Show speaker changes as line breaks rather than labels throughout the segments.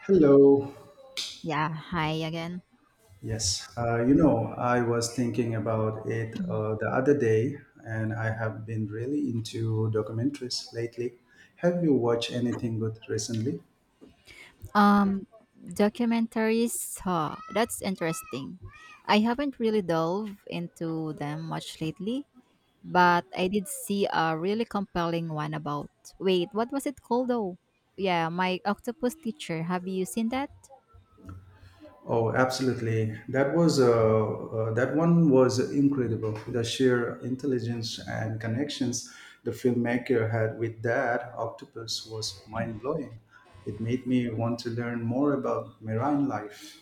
Hello.
Yeah, hi again.
Yes, I was thinking about it the other day, and I have been really into documentaries lately. Have you watched anything good recently?
Um, documentaries, huh, that's interesting. I haven't really delved into them much lately, but I did see a really compelling one about. Wait, what was it called though? Yeah, My Octopus Teacher. Have you seen that?
Oh, absolutely. That was that one was incredible. The sheer intelligence and connections the filmmaker had with that octopus was mind blowing. It made me want to learn more about marine life.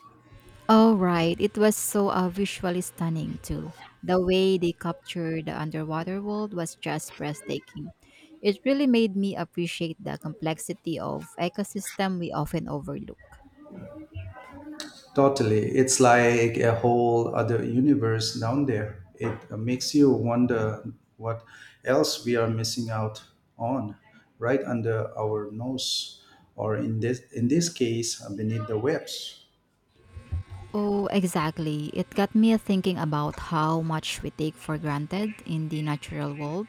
Oh, right. It was so visually stunning, too. The way they captured the underwater world was just breathtaking. It really made me appreciate the complexity of ecosystem we often overlook.
Totally. It's like a whole other universe down there. It makes you wonder what else we are missing out on right under our nose or in this case beneath the webs.
Oh, exactly. It got me thinking about how much we take for granted in the natural world,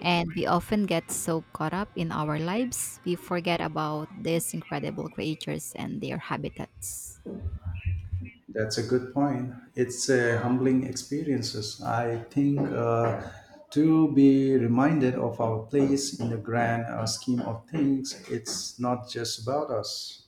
and we often get so caught up in our lives, we forget about these incredible creatures and their habitats.
That's a good point. It's a humbling experiences. I think to be reminded of our place in the grand scheme of things, it's not just about us.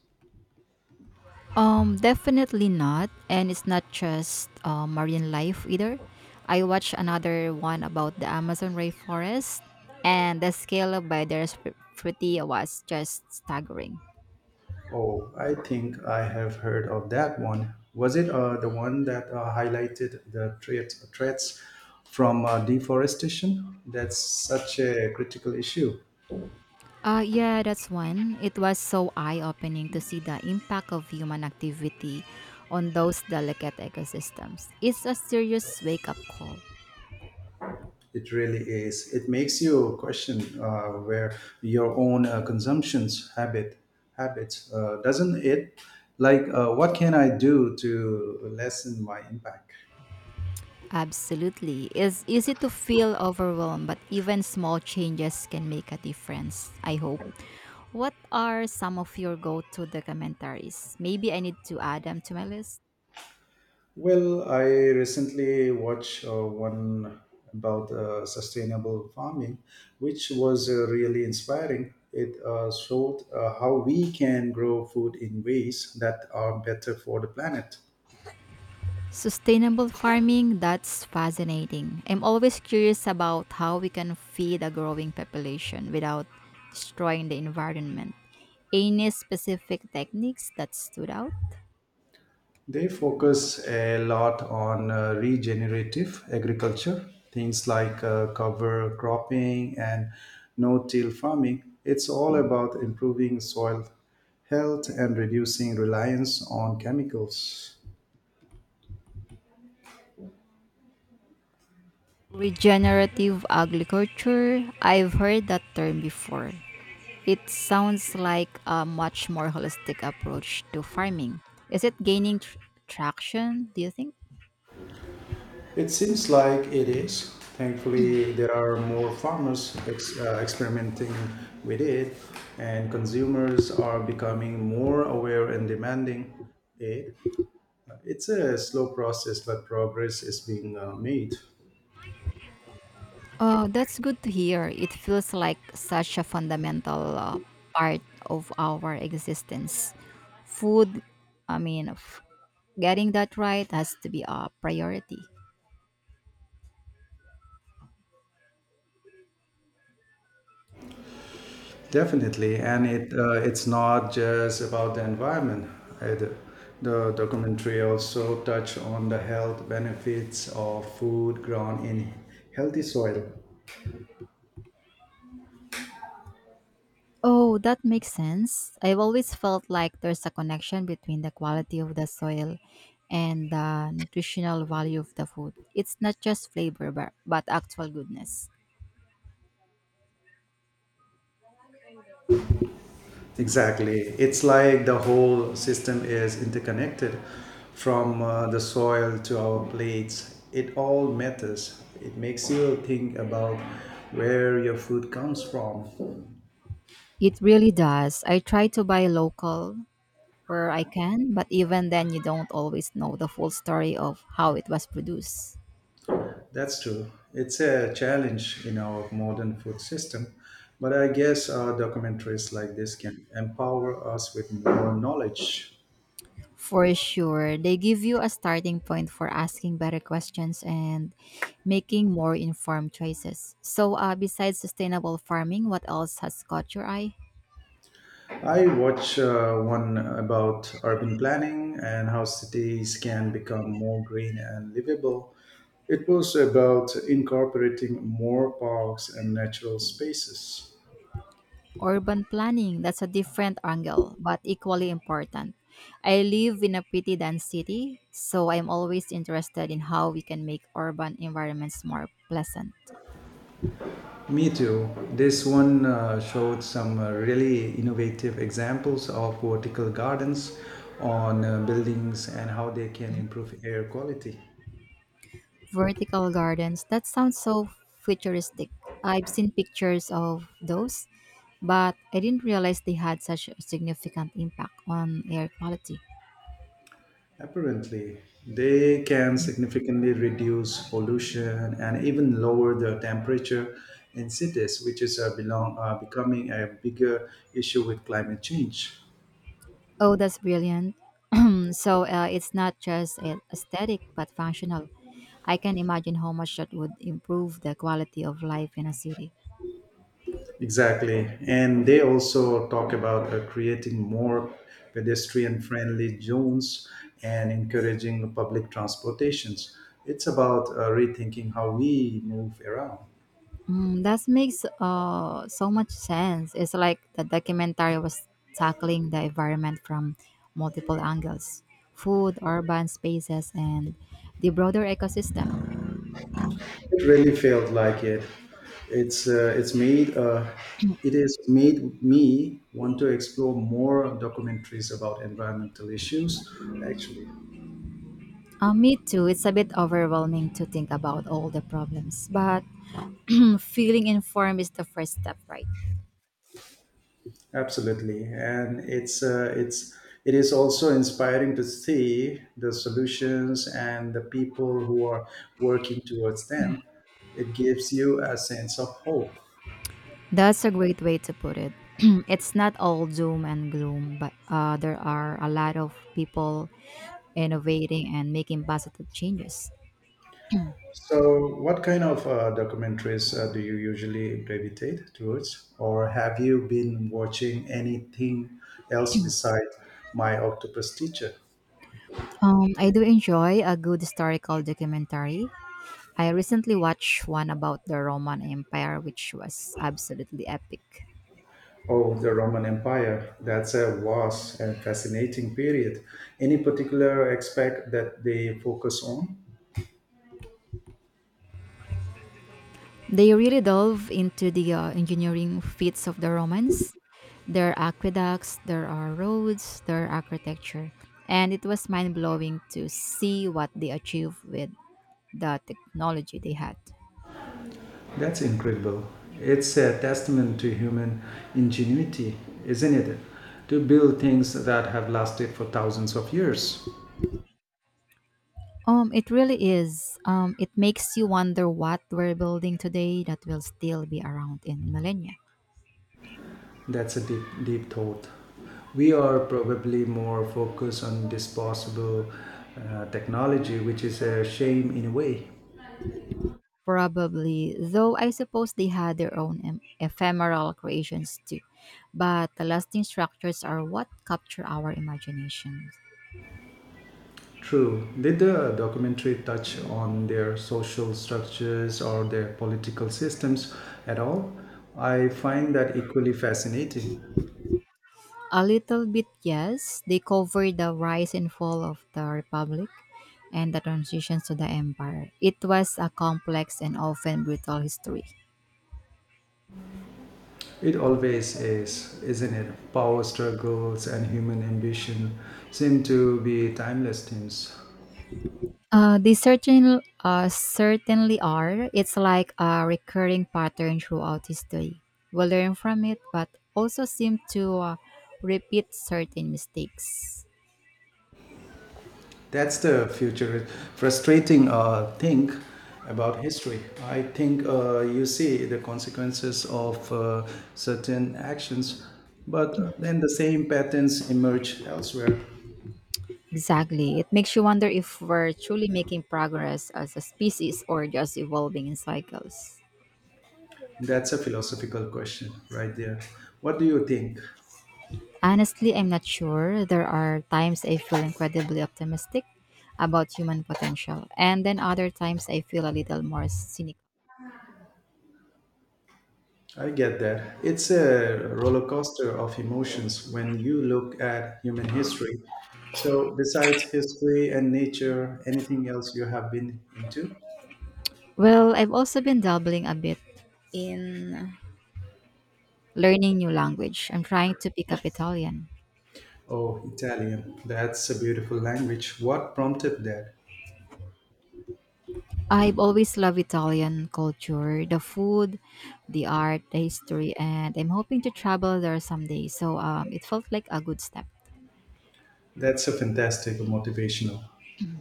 Definitely not. And it's not just marine life either. I watched another one about the Amazon rainforest, and the scale of biodiversity was just staggering.
Oh, I think I have heard of that one. Was it the one that highlighted the threats from deforestation? That's such a critical issue.
Yeah, that's one. It was so eye opening to see the impact of human activity on those delicate ecosystems. It's a serious wake up call.
It really is. It makes you question where your own consumption's habits, doesn't it? Like, what can I do to lessen my impact?
Absolutely. It's easy to feel overwhelmed, but even small changes can make a difference, I hope. What are some of your go to documentaries? Maybe I need to add them to my list.
Well, I recently watched one about sustainable farming, which was really inspiring. It showed how we can grow food in ways that are better for the planet.
Sustainable farming, that's fascinating. I'm always curious about how we can feed a growing population without destroying the environment. Any specific techniques that stood out?
They focus a lot on regenerative agriculture, things like cover cropping and no till farming. It's all about improving soil health and reducing reliance on chemicals.
Regenerative agriculture, I've heard that term before. It sounds like a much more holistic approach to farming. Is it gaining traction, do you think?
It seems like it is. Thankfully, there are more farmers experimenting with it, and consumers are becoming more aware and demanding it. It's a slow process, but progress is being made.
Oh, that's good to hear. It feels like such a fundamental part of our existence. Food, I mean, getting that right has to be a priority.
Definitely, and it's not just about the environment. Either. The documentary also touched on the health benefits of food grown in healthy soil.
Oh, that makes sense. I've always felt like there's a connection between the quality of the soil and the nutritional value of the food. It's not just flavor, but actual goodness.
Exactly. It's like the whole system is interconnected from the soil to our plates. It all matters. It makes you think about where your food comes from.
It really does. I try to buy local where I can, but even then, you don't always know the full story of how it was produced.
That's true. It's a challenge in our modern food system. But I guess documentaries like this can empower us with more knowledge.
For sure. They give you a starting point for asking better questions and making more informed choices. So, besides sustainable farming, what else has caught your eye?
I watch one about urban planning and how cities can become more green and livable. It was about incorporating more parks and natural spaces.
Urban planning. That's a different angle, but equally important. I live in a pretty dense city, so I'm always interested in how we can make urban environments more pleasant.
Me too. This one showed some really innovative examples of vertical gardens on buildings and how they can improve air quality.
Vertical gardens. That sounds so futuristic. I've seen pictures of those, but I didn't realize they had such a significant impact on air quality.
Apparently, they can significantly reduce pollution and even lower the temperature in cities, which is becoming a bigger issue with climate change.
Oh, that's brilliant. So it's not just aesthetic but functional. I can imagine how much that would improve the quality of life in a city.
Exactly. And they also talk about creating more pedestrian friendly zones and encouraging public transportations. It's about rethinking how we move around.
Mm, that makes so much sense. It's like the documentary was tackling the environment from multiple angles: food, urban spaces, and the broader ecosystem.
It really felt like it. It's uh, it's made uh, it has made me want to explore more documentaries about environmental issues. Actually,
Me too. It's a bit overwhelming to think about all the problems, but feeling informed is the first step, right?
absolutely, and it is also inspiring to see the solutions and the people who are working towards them. It gives you a sense of hope.
That's a great way to put it. It's not all doom and gloom, but there are a lot of people innovating and making positive changes.
So, what kind of documentaries do you usually gravitate towards, or have you been watching anything else besides My Octopus Teacher?
I do enjoy a good historical documentary. I recently watched one about the Roman Empire, which was absolutely epic.
Oh, the Roman Empire. That's a vast and fascinating period. Any particular aspect that they focus on?
They really delve into the engineering feats of the Romans, their aqueducts, their roads, their architecture, and it was mind blowing to see what they achieved with the technology they had.
That's incredible. It's a testament to human ingenuity, isn't it? To build things that have lasted for thousands of years.
It really is. It makes you wonder what we're building today that will still be around in millennia.
That's a deep thought. We are probably more focused on disposable technology, which is a shame in a way.
Probably, though I suppose they had their own ephemeral creations too. But the lasting structures are what capture our imaginations.
True. Did the documentary touch on their social structures or their political systems at all? I find that equally fascinating.
A little bit, yes. They cover the rise and fall of the Republic and the transitions to the Empire. It was a complex and often brutal history.
It always is, isn't it? Power struggles and human ambition seem to be timeless themes.
They certainly are. It's like a recurring pattern throughout history. We learn from it, but also seem to repeat certain mistakes.
That's the future frustrating thing about history. I think you see the consequences of certain actions, but then the same patterns emerge elsewhere.
Exactly. It makes you wonder if we're truly making progress as a species or just evolving in cycles.
That's a philosophical question right there. What do you think?
Honestly, I'm not sure. There are times I feel incredibly optimistic about human potential, and then other times I feel a little more cynical.
I get that. It's a roller coaster of emotions when you look at human history. So, besides history and nature, anything else you have been into?
Well, I've also been dabbling a bit in learning new language. I'm trying to pick up Italian.
Oh, Italian. That's a beautiful language. What prompted that?
I've always loved Italian culture, the food, the art, the history, and I'm hoping to travel there someday. So it felt like a good step.
That's a fantastic motivational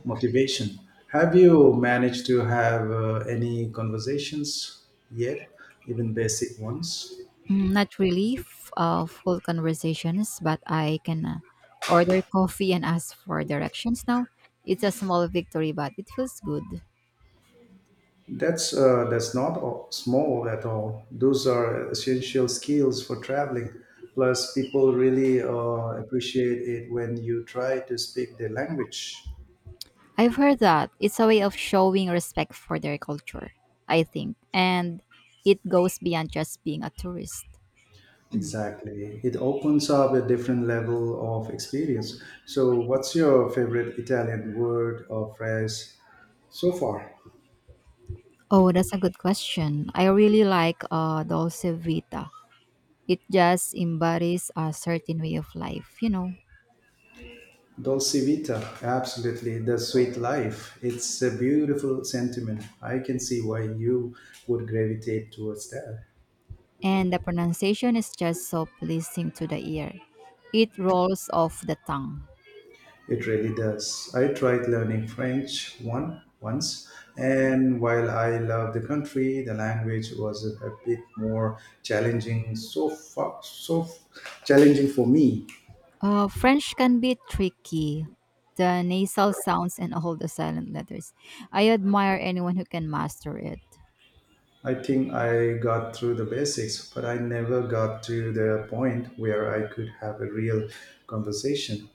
motivation. Have you managed to have any conversations yet, even basic ones?
Mm, not really full conversations, but I can order coffee and ask for directions now. It's a small victory, but it feels good.
That's not all- small at all. Those are essential skills for traveling. Plus, people really appreciate it when you try to speak their language.
I've heard that it's a way of showing respect for their culture, I think, and it goes beyond just being a tourist.
Exactly. It opens up a different level of experience. So, what's your favorite Italian word or phrase so far?
Oh, that's a good question. I really like Dolce Vita. It just embodies a certain way of life, you know,
Dolce vita, absolutely. The sweet life. It's a beautiful sentiment. I can see why you would gravitate towards that.
and the pronunciation is just so pleasing to the ear. It rolls off the tongue.
It really does. I tried learning French one once, and while I love the country, the language was a bit more challenging. So far, challenging for me.
French can be tricky. The nasal sounds and all the silent letters. I admire anyone who can master it.
I think I got through the basics, but I never got to the point where I could have a real conversation.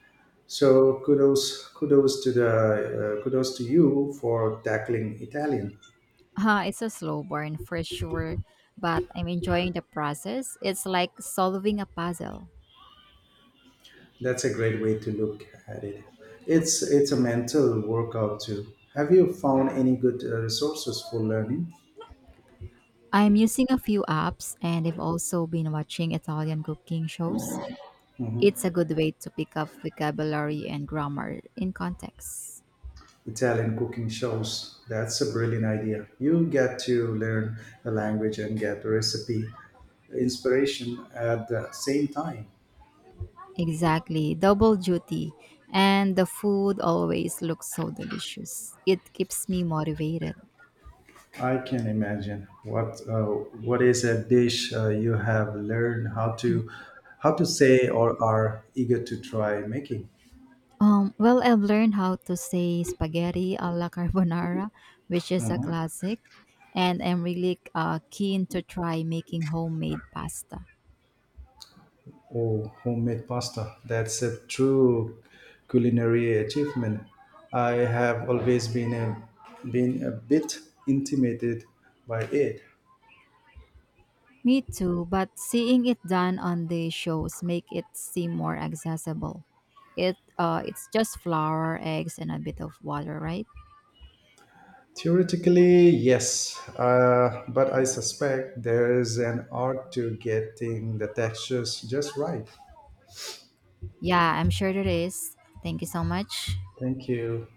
So kudos to you for tackling Italian.
It's a slow burn for sure, but I'm enjoying the process. It's like solving a puzzle.
That's a great way to look at it. It's a mental workout too. Have you found any good resources for learning?
I'm using a few apps and I've also been watching Italian cooking shows. It's a
Mhm.
good way to pick up vocabulary and grammar in context.
Italian cooking shows? That's a brilliant idea. You get to learn the language and get recipe inspiration at the same time.
Exactly, double duty. And the food always looks so delicious. It keeps me motivated.
I can imagine what is a dish you have learned how to say or are eager to try making.
Well, I've learned how to say spaghetti a la carbonara, which is a
Mhm.
classic, and I'm really keen to try making homemade pasta.
Oh, homemade pasta. That's a true culinary achievement. I have always been a bit intimidated by it.
Me too, but seeing it done on the shows make it seem more accessible. It's just flour, eggs, and a bit of water, right?
Theoretically, yes, but I suspect there's an art to getting the textures just right.
Yeah, I'm sure it is. Thank you so much.
Thank you.